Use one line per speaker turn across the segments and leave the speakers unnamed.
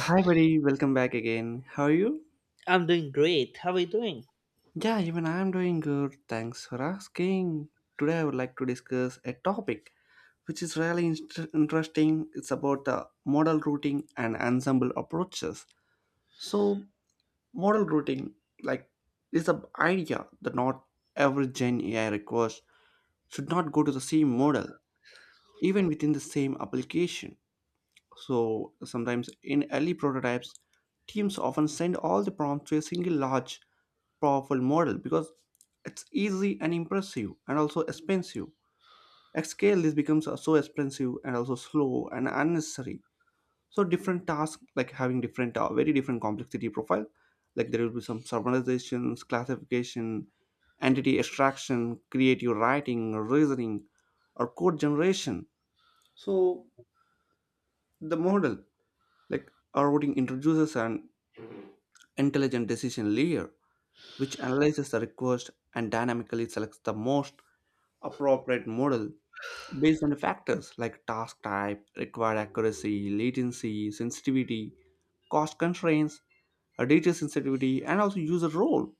Hi, buddy. Welcome back again. How are you?
I'm doing great. How are you doing?
Yeah, even I'm doing good. Thanks for asking. Today, I would like to discuss a topic which is really interesting. It's about the model routing and ensemble approaches. So, model routing, like, is the idea that not every Gen AI request should not go to the same model, even within the same application. So, sometimes in early prototypes, teams often send all the prompts to a single large powerful model because it's easy and impressive and also expensive. At scale, this becomes so expensive and also slow and unnecessary. So different tasks like having different, very different complexity profile. Like there will be some summarizations, classification, entity extraction, creative writing, reasoning, or code generation. So the model, like our routing, introduces an intelligent decision layer which analyzes the request and dynamically selects the most appropriate model based on the factors like task type, required accuracy, latency, sensitivity, cost constraints, data sensitivity, and also user role.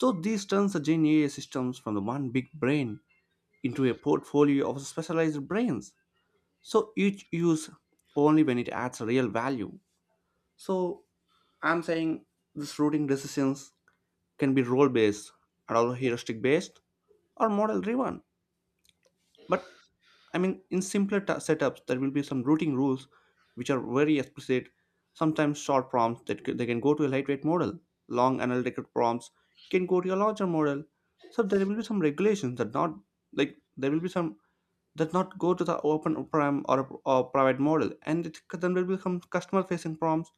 So this turns the Gen AI systems from the one big brain into a portfolio of specialized brains. So each use only when it adds real value. So I'm saying this routing decisions can be role based, and also heuristic based, or model driven. But I mean, in simpler ta setups, there will be some routing rules which are very explicit, sometimes short prompts that they can go to a lightweight model. Long analytical prompts can go to a larger model. So there will be some regulations that not like there will be some that not go to the open prime or private model, and it, then there will become customer-facing prompts.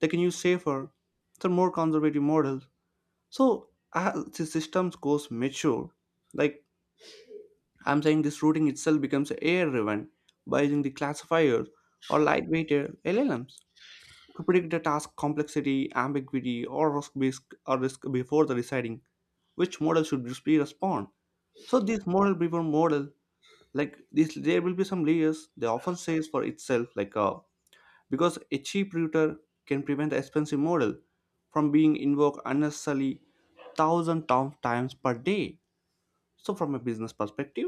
They can use safer, some more conservative models. So as the systems goes mature, like I'm saying this routing itself becomes AI driven by using the classifiers or lightweight LLMs to predict the task complexity, ambiguity, or risk before the deciding which model should be respond. So this model before model, like this, there will be some layers. They often says for itself, like because a cheap router can prevent the expensive model from being invoked unnecessarily thousand of times per day. So from a business perspective,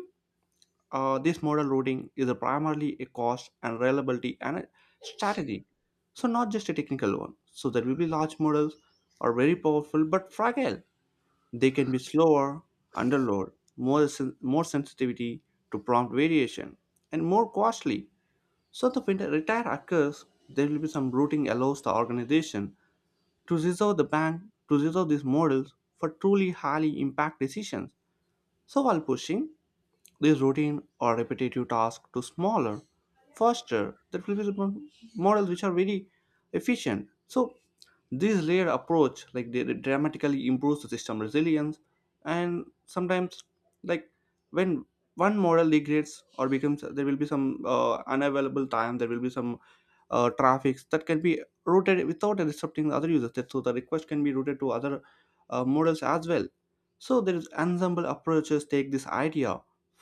this model routing is a primarily a cost and reliability and a strategy, so not just a technical one. So there will be large models are very powerful but fragile. They can be slower under load, more sensitivity to prompt variation, and more costly. So the when the retire occurs, there will be some routing allows the organization to reserve the bank to reserve these models for truly highly impact decisions. So while pushing these routine or repetitive tasks to smaller, faster, that will be models which are very efficient. So this layered approach like dramatically improves the system resilience and sometimes like when one model degrades or becomes there will be some unavailable time there will be some traffics that can be routed without disrupting the other users. That, so the request can be routed to other models as well. So there is ensemble approaches take this idea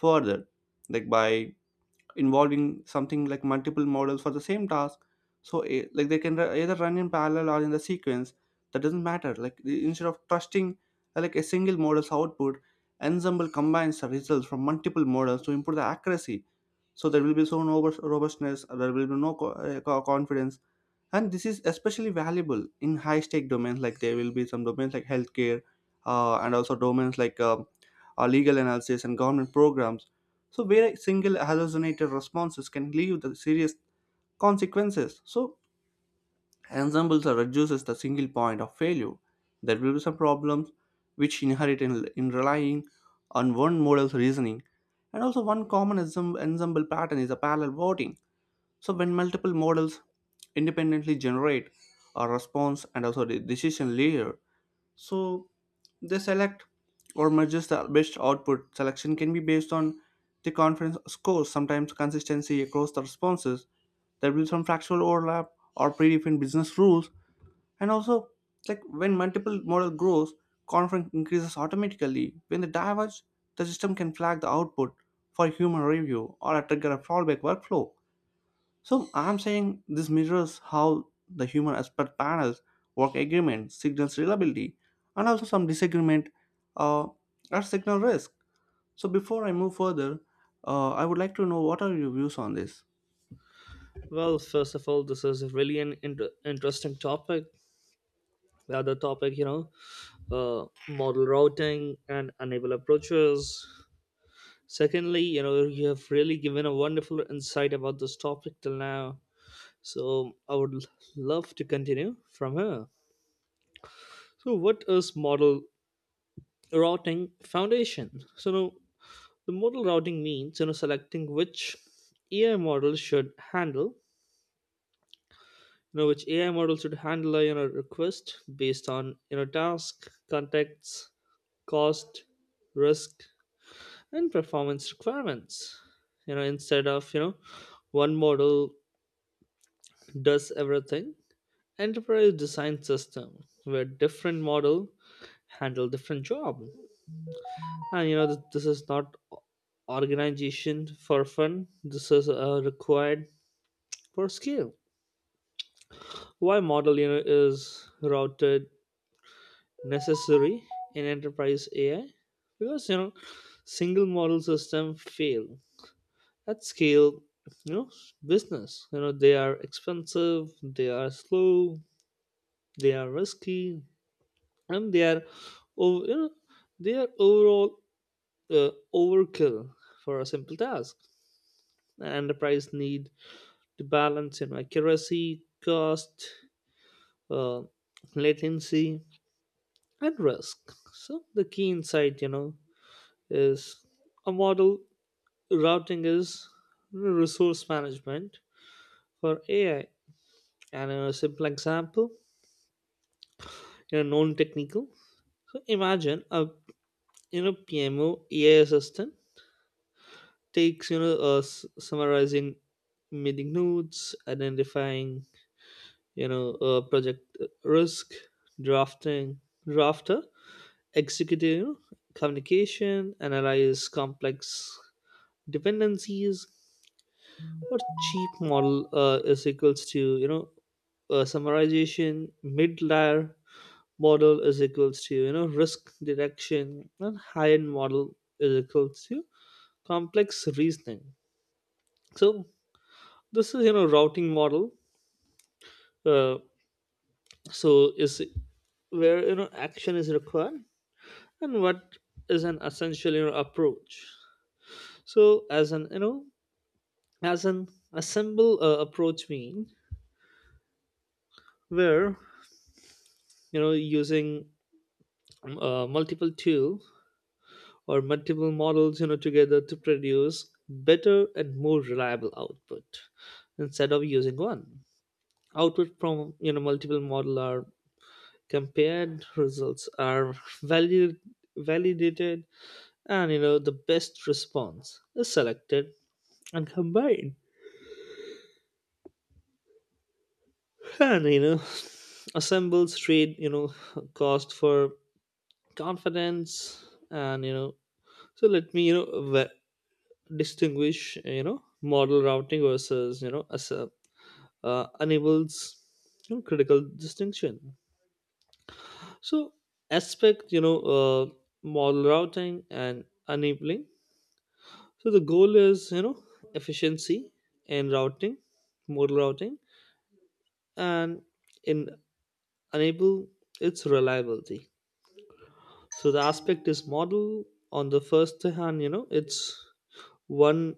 further, like by involving something like multiple models for the same task. So like they can either run in parallel or in the sequence, that doesn't matter. Like instead of trusting like a single model's output, ensemble combines the results from multiple models to improve the accuracy. So there will be so no robustness, there will be no confidence. And this is especially valuable in high stake domains, like there will be some domains like healthcare and also domains like legal analysis and government programs. So where a single hallucinated responses can leave the serious consequences. So ensembles are reduces the single point of failure. There will be some problems which inherit in relying on one model's reasoning. And also one common ensemble pattern is a parallel voting. So when multiple models independently generate a response and also the decision layer, so they select or merges the best output. Selection can be based on the conference scores, sometimes consistency across the responses. There will be some fractional overlap or predefined business rules, and also like when multiple model grows, conference increases automatically. When they diverge, the system can flag the output for human review or trigger a fallback workflow. So I'm saying this measures how the human aspect panels work agreement, signals reliability, and also some disagreement uh, or signal risk. So before I move further, I would like to know what are your views on this?
Well, first of all, this is really an interesting topic. The other topic, you know, model routing and enable approaches. Secondly, you know, you have really given a wonderful insight about this topic till now. So I would love to continue from here. So, what is model routing foundation? So, now, the model routing means, you know, selecting which AI model should handle, which ai model should handle a, request based on, task context, cost, risk, and performance requirements, instead of, one model does everything. Enterprise design system where different model handle different job. And you know this is not organization for fun, this is required for scale. Why model, you know, is routed necessary in enterprise AI, because you know single model system fail at scale. You know business, you know they are expensive, they are slow, they are risky, and they are over. You know they are overall overkill for a simple task. Enterprise need to balance, you know, accuracy, cost, uh, latency, and risk. So the key insight, you know, is a model routing is resource management for AI. And a simple example, you know, non-technical. So imagine a, you know, PMO AI assistant takes you know summarizing meeting notes, identifying you know project risk, drafting drafter, executing, you know, communication, analyze complex dependencies, or cheap model is equals to, you know, summarization, mid layer model is equals to, you know, risk detection, and high end model is equals to complex reasoning. So this is, you know, routing model, uh, so is where, you know, action is required, and what is an essential, you know, approach. So as an, as an assemble approach mean where, you know, using multiple tool or multiple models, you know, together to produce better and more reliable output instead of using one. Output from, you know, multiple model are compared, results are valid, validated, and you know the best response is selected and combined and you know assembles trade, you know, cost for confidence. And you know, so let me, distinguish, you know, model routing versus, you know, as a, enables, you know, critical distinction. So aspect, you know, model routing and enabling. So the goal is, you know, efficiency in routing. Model routing and in enable, its reliability. So the aspect is model. On the first hand, you know, it's one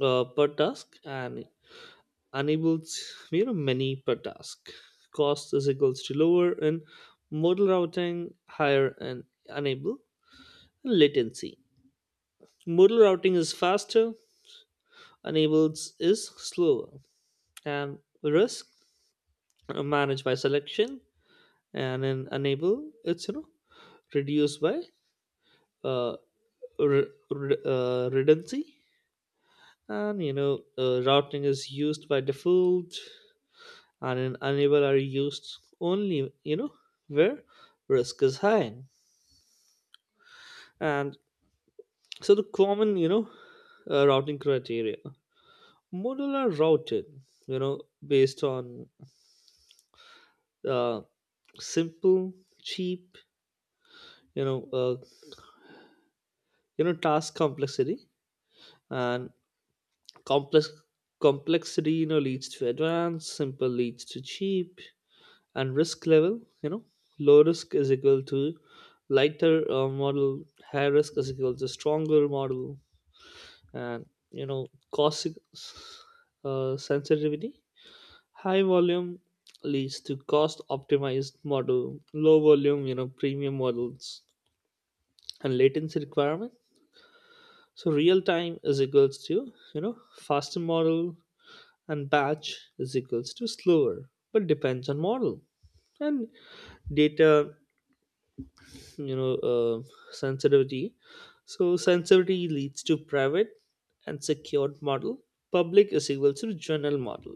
per task, and enables, you know, many per task. Cost is equals to lower in modal routing, higher in enable. And latency, modal routing is faster, enables is slower. And risk managed by selection, and in enable it's, you know, reduced by uh, redundancy. And, you know, routing is used by default, and in unable are used only, you know, where risk is high. And so the common, you know, routing criteria, model are routed, you know, based on uh, simple cheap, you know uh, you know, task complexity. And complex complexity, you know, leads to advanced, simple leads to cheap. And risk level, you know, low risk is equal to lighter model, high risk is equal to stronger model. And, you know, cost sensitivity, high volume leads to cost optimized model, low volume, you know, premium models. And latency requirement, so real time is equals to, you know, faster model, and batch is equals to slower, but depends on model. And data, you know, sensitivity, so sensitivity leads to private and secured model, public is equal to general model.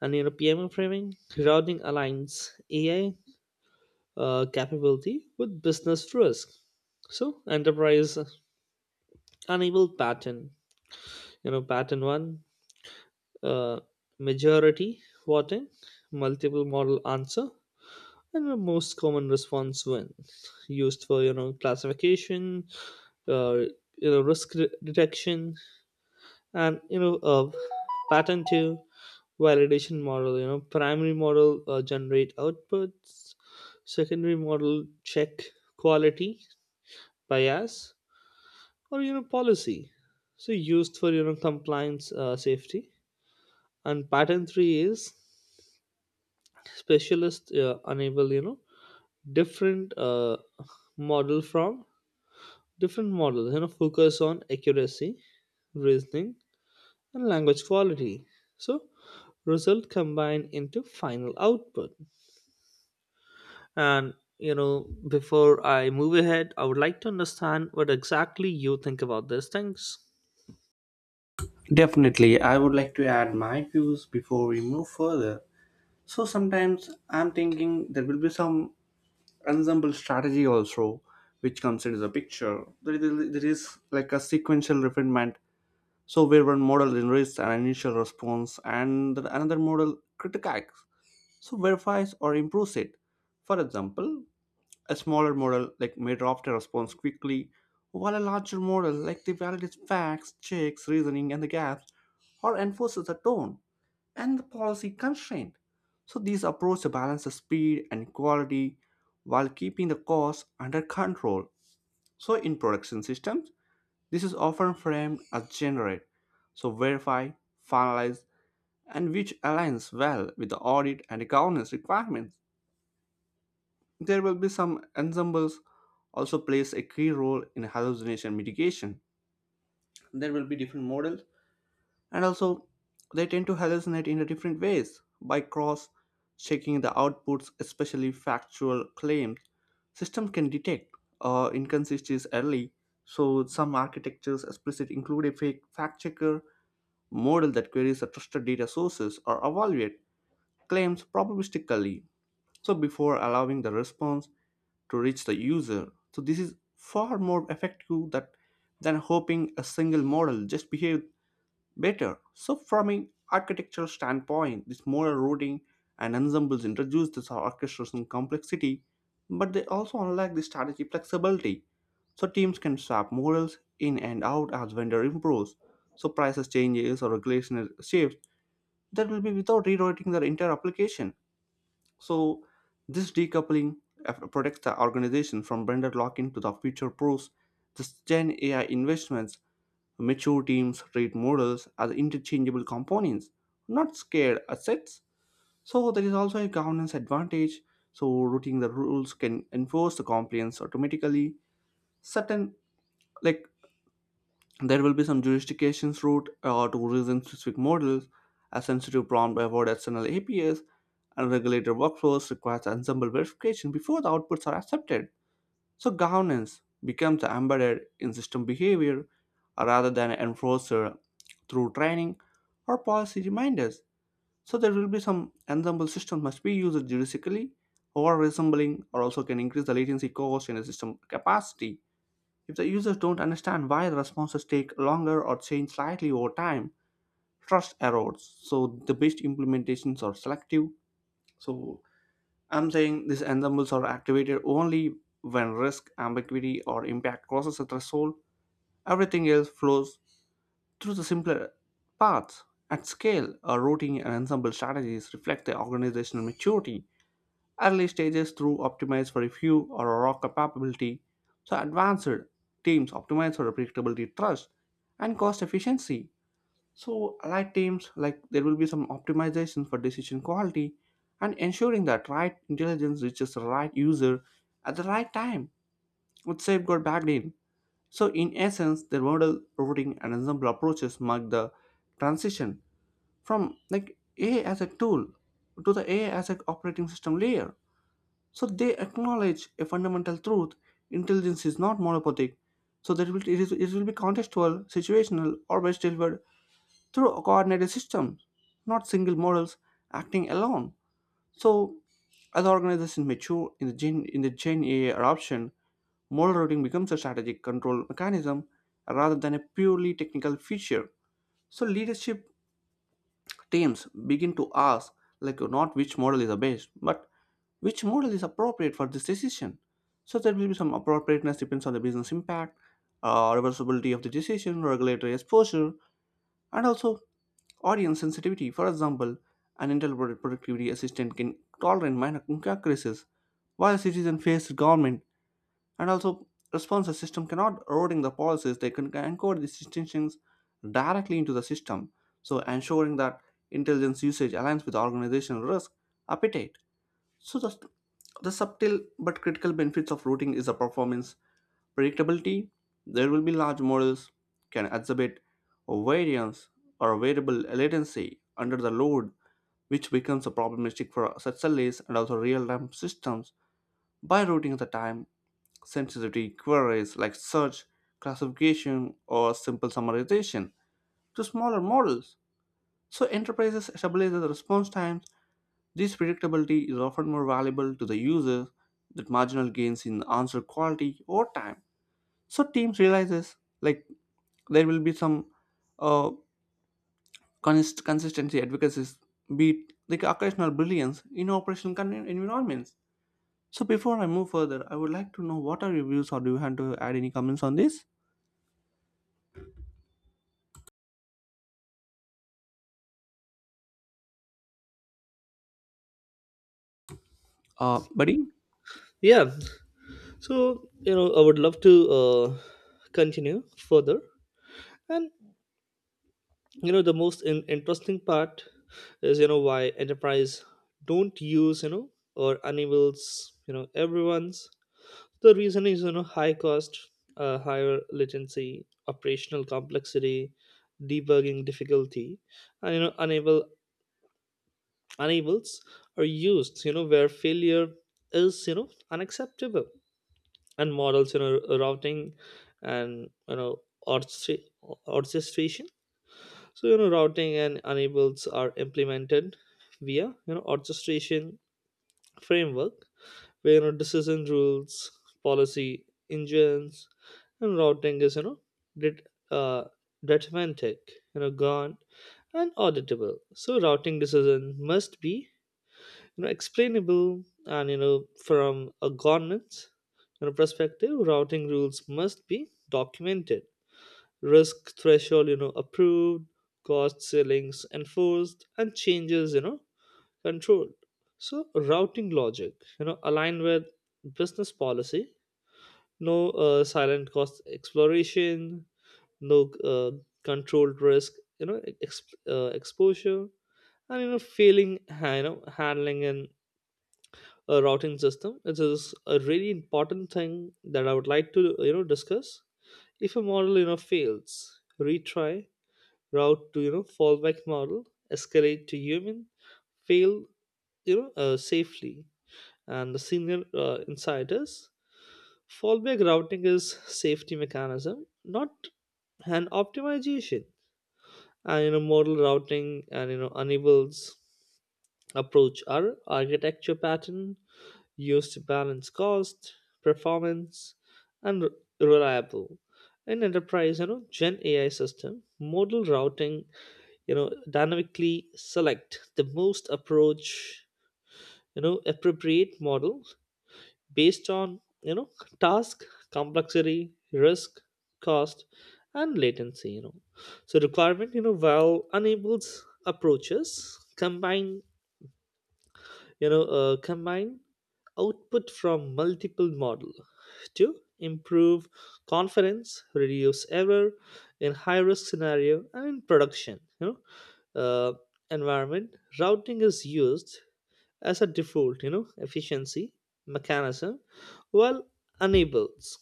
And, you know, pmo framing, routing aligns ai capability with business risk. So enterprise unable pattern, you know, pattern one, uh, majority voting, multiple model answer. And the most common response, when used for, you know, classification, uh, you know, risk detection, and you know pattern two, validation model. You know primary model generate outputs, secondary model check quality, bias, or, you know, policy. So used for, you know, compliance, safety. And pattern three is specialist enable, you know, different model from different models, you know, focus on accuracy, reasoning, and language quality. So result combined into final output. And you know before I move ahead I would like to understand what exactly you think about these things.
Definitely, I would like to add my views before we move further. So sometimes I'm thinking there will be some ensemble strategy also which comes into the picture. There is like a sequential refinement. So where one model generates an initial response and another model critiques, so verifies or improves it. For example, a smaller model like may draft a response quickly, while a larger model like the validates facts, checks, reasoning, and the gaps, or enforces the tone and the policy constraint. So these approaches balance the speed and quality while keeping the cost under control. So in production systems, this is often framed as generate, so verify, finalize, and which aligns well with the audit and governance requirements. There will be some ensembles also plays a key role in hallucination mitigation. There will be different models and also they tend to hallucinate in a different ways by cross checking the outputs, especially factual claims. Systems can detect inconsistencies early. So some architectures explicit include a fake fact checker model that queries the trusted data sources or evaluate claims probabilistically so before allowing the response to reach the user. So this is far more effective that, than hoping a single model just behave better. So from an architectural standpoint this model routing and ensembles introduce this orchestration complexity, but they also unlock the strategy flexibility. So teams can swap models in and out as vendor improves, so prices changes or regulation shifts, that will be without rewriting the entire application. So this decoupling protects the organization from vendor lock-in to the future proofs. This Gen AI investments, mature teams treat models as interchangeable components, not scared assets. So there is also a governance advantage. So routing the rules can enforce the compliance automatically. Certain like there will be some justifications route to reason-specific models, a sensitive prompt about external APIs, and regulator workflows requires ensemble verification before the outputs are accepted. So governance becomes embedded in system behavior rather than an enforcer through training or policy reminders. So there will be some ensemble systems must be used jurisdically or resembling or also can increase the latency cost in a system capacity. If the users don't understand why the responses take longer or change slightly over time, trust erodes. So the best implementations are selective. So I'm saying these ensembles are activated only when risk, ambiguity, or impact crosses a threshold. Everything else flows through the simpler paths. At scale, a routing and ensemble strategies reflect the organizational maturity. Early stages through optimize for a few or a raw capability, so advanced teams optimize for a predictability, trust, and cost efficiency. So allied teams like there will be some optimization for decision quality and ensuring that right intelligence reaches the right user at the right time with safeguard backed in. So in essence, their model routing and ensemble approaches mark the transition from like AI as a tool to the AI as an operating system layer. So they acknowledge a fundamental truth: intelligence is not monopathic. So that will, it, is, it will be contextual, situational, or best delivered through a coordinated system, not single models acting alone. So as organizations mature in the Gen AI adoption, model routing becomes a strategic control mechanism rather than a purely technical feature. So leadership teams begin to ask like not which model is the best but which model is appropriate for this decision. So there will be some appropriateness depends on the business impact, reversibility of the decision, regulatory exposure, and also audience sensitivity. For example, an intelligent productivity assistant can tolerate minor inaccuracies while citizen face government and also, responsive system cannot eroding the policies. They can encode these distinctions directly into the system. So ensuring that intelligence usage aligns with organizational risk appetite. So the subtle but critical benefits of routing is the performance predictability. There will be large models can exhibit variance or variable latency under the load which becomes a problematic for such delays and also real-time systems by routing the time sensitivity queries like search, classification, or simple summarization to smaller models. So enterprises stabilize the response times. This predictability is often more valuable to the users than marginal gains in answer quality or time. So teams realizes like there will be some uh, consistency advocacies, be it like occasional brilliance in operational environments. So before I move further, I would like to know what are your views or do you have to add any comments on this? Buddy?
Yeah, so, you know, I would love to uh, continue further. And, you know, the most interesting part is, you know, why enterprise don't use, you know, or enables, you know, everyone's. The reason is, you know, high cost, higher latency, operational complexity, debugging difficulty. And you know unable enables are used, you know, where failure is, you know, unacceptable. And models, you know, routing and, you know, orchestra- orchestration. So, you know, routing and enables are implemented via, you know, orchestration framework, where, you know, decision rules, policy engines, and routing is, you know, det- uh, deterministic, you know, gone and auditable. So routing decision must be, you know, explainable. And, you know, from a governance, you know, perspective, routing rules must be documented, risk threshold, you know, approved, cost ceilings enforced, and changes, you know, control. So routing logic, you know, align with business policy. No silent cost exploration, no controlled risk, you know, exposure. And, you know, failing, you know, handling, and a routing system. It is a really important thing that I would like to, you know, discuss. If a model, you know, fails, retry, route to, you know, fallback model, escalate to human, fail, you know, safely, and the senior insiders. Fallback routing is safety mechanism, not an optimization. And, you know, model routing and, you know, enables approach are architecture pattern used to balance cost, performance, and reliable. In enterprise, you know, Gen AI system, model routing, you know, dynamically select the most approach, you know, appropriate model based on, you know, task complexity, risk, cost, and latency, you know, so requirement, you know, while enables approaches combine, you know, combine output from multiple model to improve confidence, reduce error in high risk scenario. And in production, you know, uh, environment, routing is used as a default, you know, efficiency mechanism, while enables,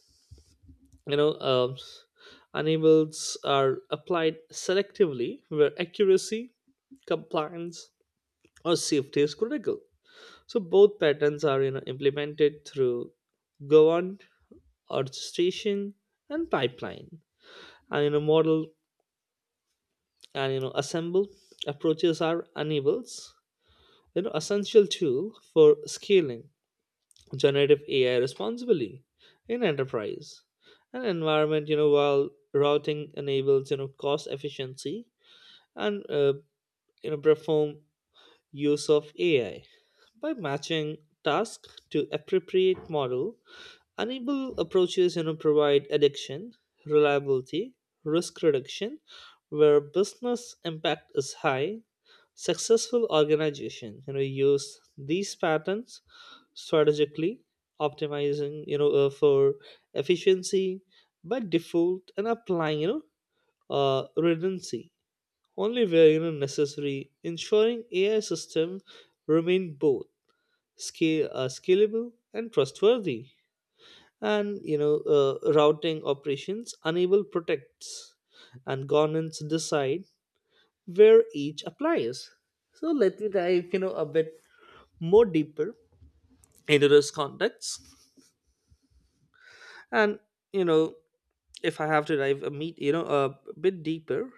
you know, enables are applied selectively, where accuracy, compliance, or safety is critical. So both patterns are, you know, implemented through governed orchestration and pipeline. And, you know, model and, you know, assemble approaches are enables, you know, essential tool for scaling generative AI responsibly in enterprise and environment. You know, while routing enables, you know, cost efficiency and, you know, perform use of AI by matching task to appropriate model. Enable approaches, you know, provide addiction, reliability, risk reduction, where business impact is high. Successful organization, you know, use these patterns strategically, optimizing, you know, for efficiency by default, and applying, you know, redundancy only where, you know, necessary, ensuring ai system remain both scale scalable and trustworthy. And, you know, routing operations enable protects, and governance decide where each applies. So let me dive, you know, a bit more deeper into this context. And, you know, if I have to dive a meet, you know, a bit deeper.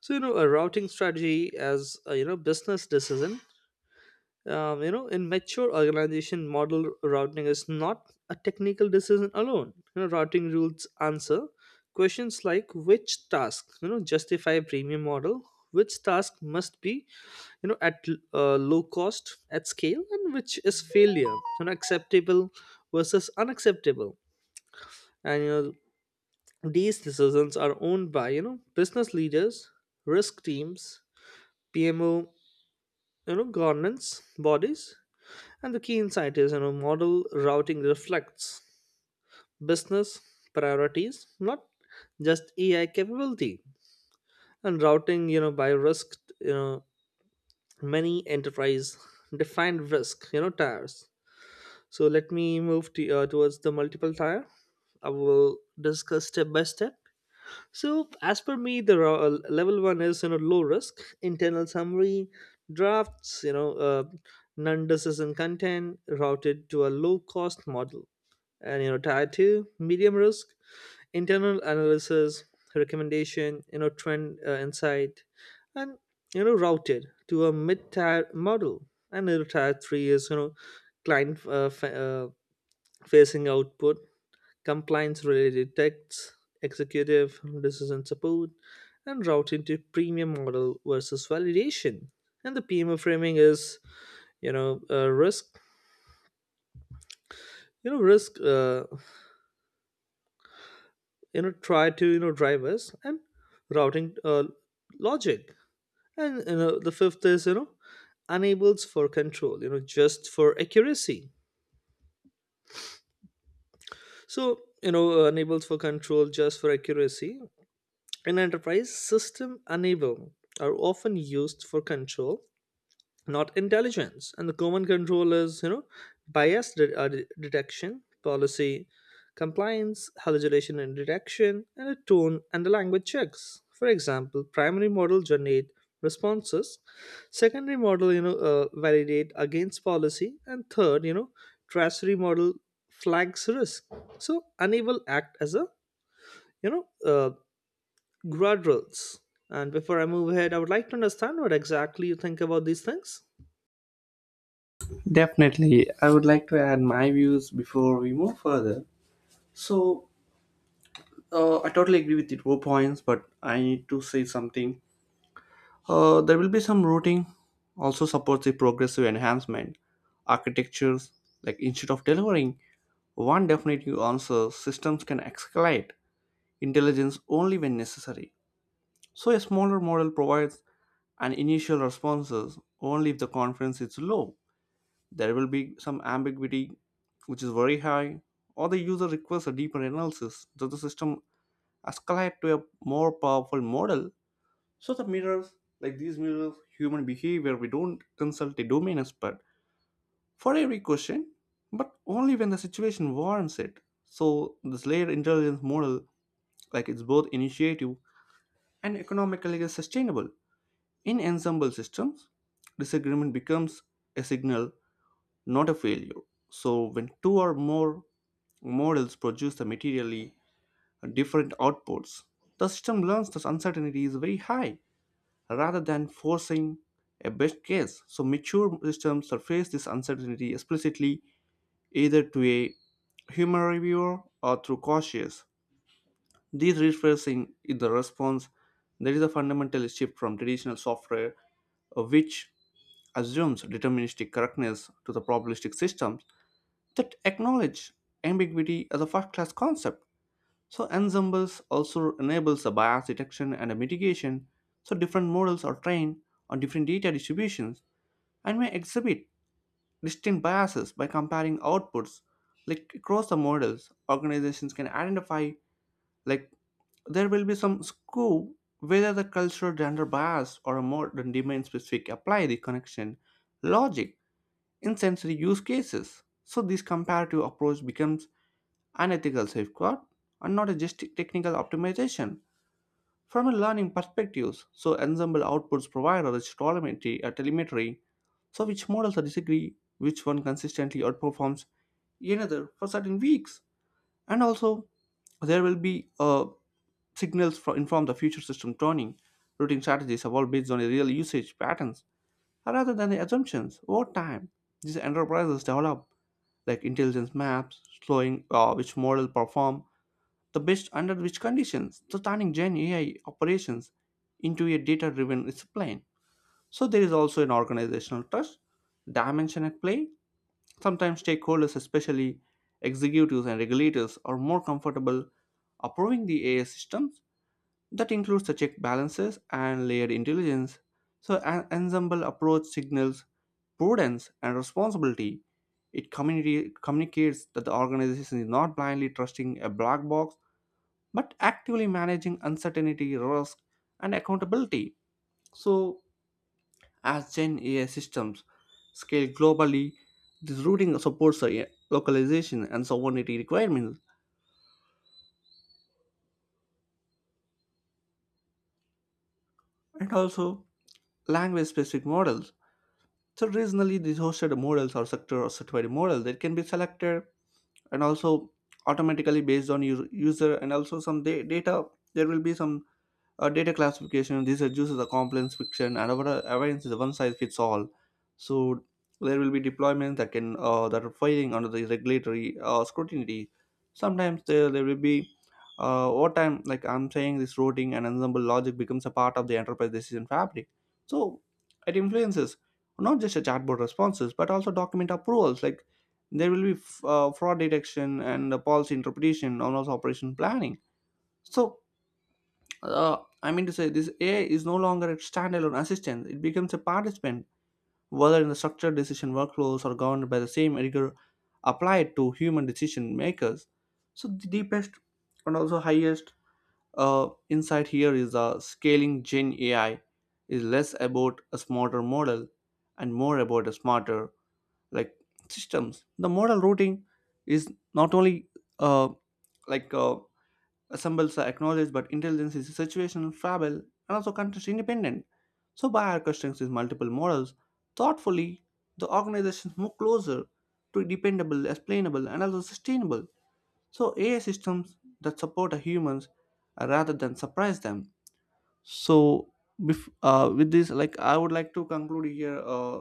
So, you know, a routing strategy as a, you know, business decision. You know, in mature organization model, routing is not a technical decision alone. You know, routing rules answer questions like which task, you know, justify premium model, which task must be, you know, at low cost at scale, and which is failure, you know, acceptable versus unacceptable. And you know these decisions are owned by, you know, business leaders, risk teams, PMO, you know, governance bodies. And the key insight is, you know, model routing reflects business priorities, not just AI capability. And routing, you know, by risk, you know, many enterprise defined risk, you know, tiers. So let me move to, towards the multiple tier. I will discuss step by step. So, as per me, the level one is, you know, low risk internal summary drafts. You know, non-decision content routed to a low cost model. And, you know, tier two, medium risk internal analysis recommendation, you know, trend insight, and, you know, routed to a mid tier model. And, you know, tier three is, you know, client facing output, compliance related texts, executive decision support, and routing to premium model versus validation. And the PMO framing is, you know, risk, try to, you know, drive us and routing logic. And, you know, the fifth is, you know, enables for control, you know, just for accuracy. So, you know, enables for control just for accuracy. In enterprise, system enable are often used for control, not intelligence. And the common control is, you know, bias detection, policy compliance, hallucination and detection, and a tone and the language checks. For example, primary model generate responses, secondary model, you know, validate against policy, and third, you know, tertiary model flags risk. So unable act as a, you know, guardrails. And before I move ahead, I would like to understand what exactly you think about these things.
Definitely. I would like to add my views before we move further. So, I totally agree with your points, but I need to say something. There will be some routing also supports the progressive enhancement architectures. Like instead of delivering one definite new answer, systems can escalate intelligence only when necessary. So, a smaller model provides an initial responses only if the confidence is low. There will be some ambiguity, which is very high, or the user requests a deeper analysis that the system escalate to a more powerful model. So the mirrors, like these mirrors, human behavior, we don't consult a domain expert for every question, but only when the situation warrants it. So this layered intelligence model, like it's both initiative and economically sustainable. In ensemble systems, disagreement becomes a signal, not a failure. So when two or more models produce the materially different outputs, the system learns that uncertainty is very high rather than forcing a best case. So mature systems surface this uncertainty explicitly either to a human reviewer or through cautious. This rephrasing is the response. There is a fundamental shift from traditional software which assumes deterministic correctness to the probabilistic systems that acknowledge ambiguity as a first class concept. So, ensembles also enables a bias detection and a mitigation, so different models are trained on different data distributions and may exhibit distinct biases by comparing outputs like across the models organizations can identify like there will be some scope whether the cultural gender bias or a modern domain specific apply the connection logic in sensory use cases. So this comparative approach becomes unethical safeguard, and not a just technical optimization. From a learning perspective, so ensemble outputs provide a rich telemetry, a telemetry, so which models are disagree, which one consistently outperforms another for certain weeks, and also there will be signals for, inform the future system tuning. Routing strategies evolve based on the real usage patterns rather than the assumptions over time. These enterprises develop like intelligence maps, showing which model perform the best under which conditions? So turning Gen AI operations into a data-driven discipline. So there is also an organizational trust dimension at play. Sometimes stakeholders, especially executives and regulators, are more comfortable approving the AI systems. That includes the check balances and layered intelligence. So an ensemble approach signals prudence and responsibility. It communicates that the organization is not blindly trusting a black box but actively managing uncertainty, risk, and accountability. So, as Gen AI systems scale globally, this routing supports the localization and sovereignty requirements and also language specific models. So, regionally, these hosted models or sector or certified model that can be selected and also automatically based on your user and also some data. There will be some data classification. This reduces the complex fiction and our awareness is one size fits all. So there will be deployments that can that are filing under the regulatory scrutiny sometimes there will be over time, like I'm saying this routing and ensemble logic becomes a part of the enterprise decision fabric. So it influences not just a chatbot responses but also document approvals, like there will be fraud detection and policy interpretation and also operation planning. So I mean to say, this AI is no longer a standalone assistant. It becomes a participant, whether in the structured decision workflows or governed by the same rigor applied to human decision makers. So, the deepest and also highest insight here is scaling Gen AI is less about a smarter model and more about a smarter, like, systems. The model routing is not only uh, like uh, symbols are acknowledged, but intelligence is situational, fallible, and also context independent. So, by orchestrating these multiple models thoughtfully, the organizations move closer to dependable, explainable, and also sustainable. So, AI systems that support our humans rather than surprise them. So with this, like, I would like to conclude here. uh,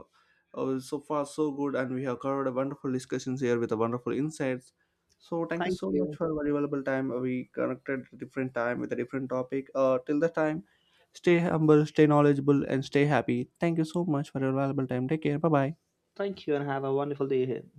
uh, So far so good, and we have covered a wonderful discussions here with a wonderful insights. So thank you
Thank
so much
you.
for your valuable time. We connected at a different time with a different topic, till the time stay humble, stay knowledgeable, and stay happy. Thank you so much for your valuable time. Take care, bye bye.
Thank you and have a wonderful day ahead.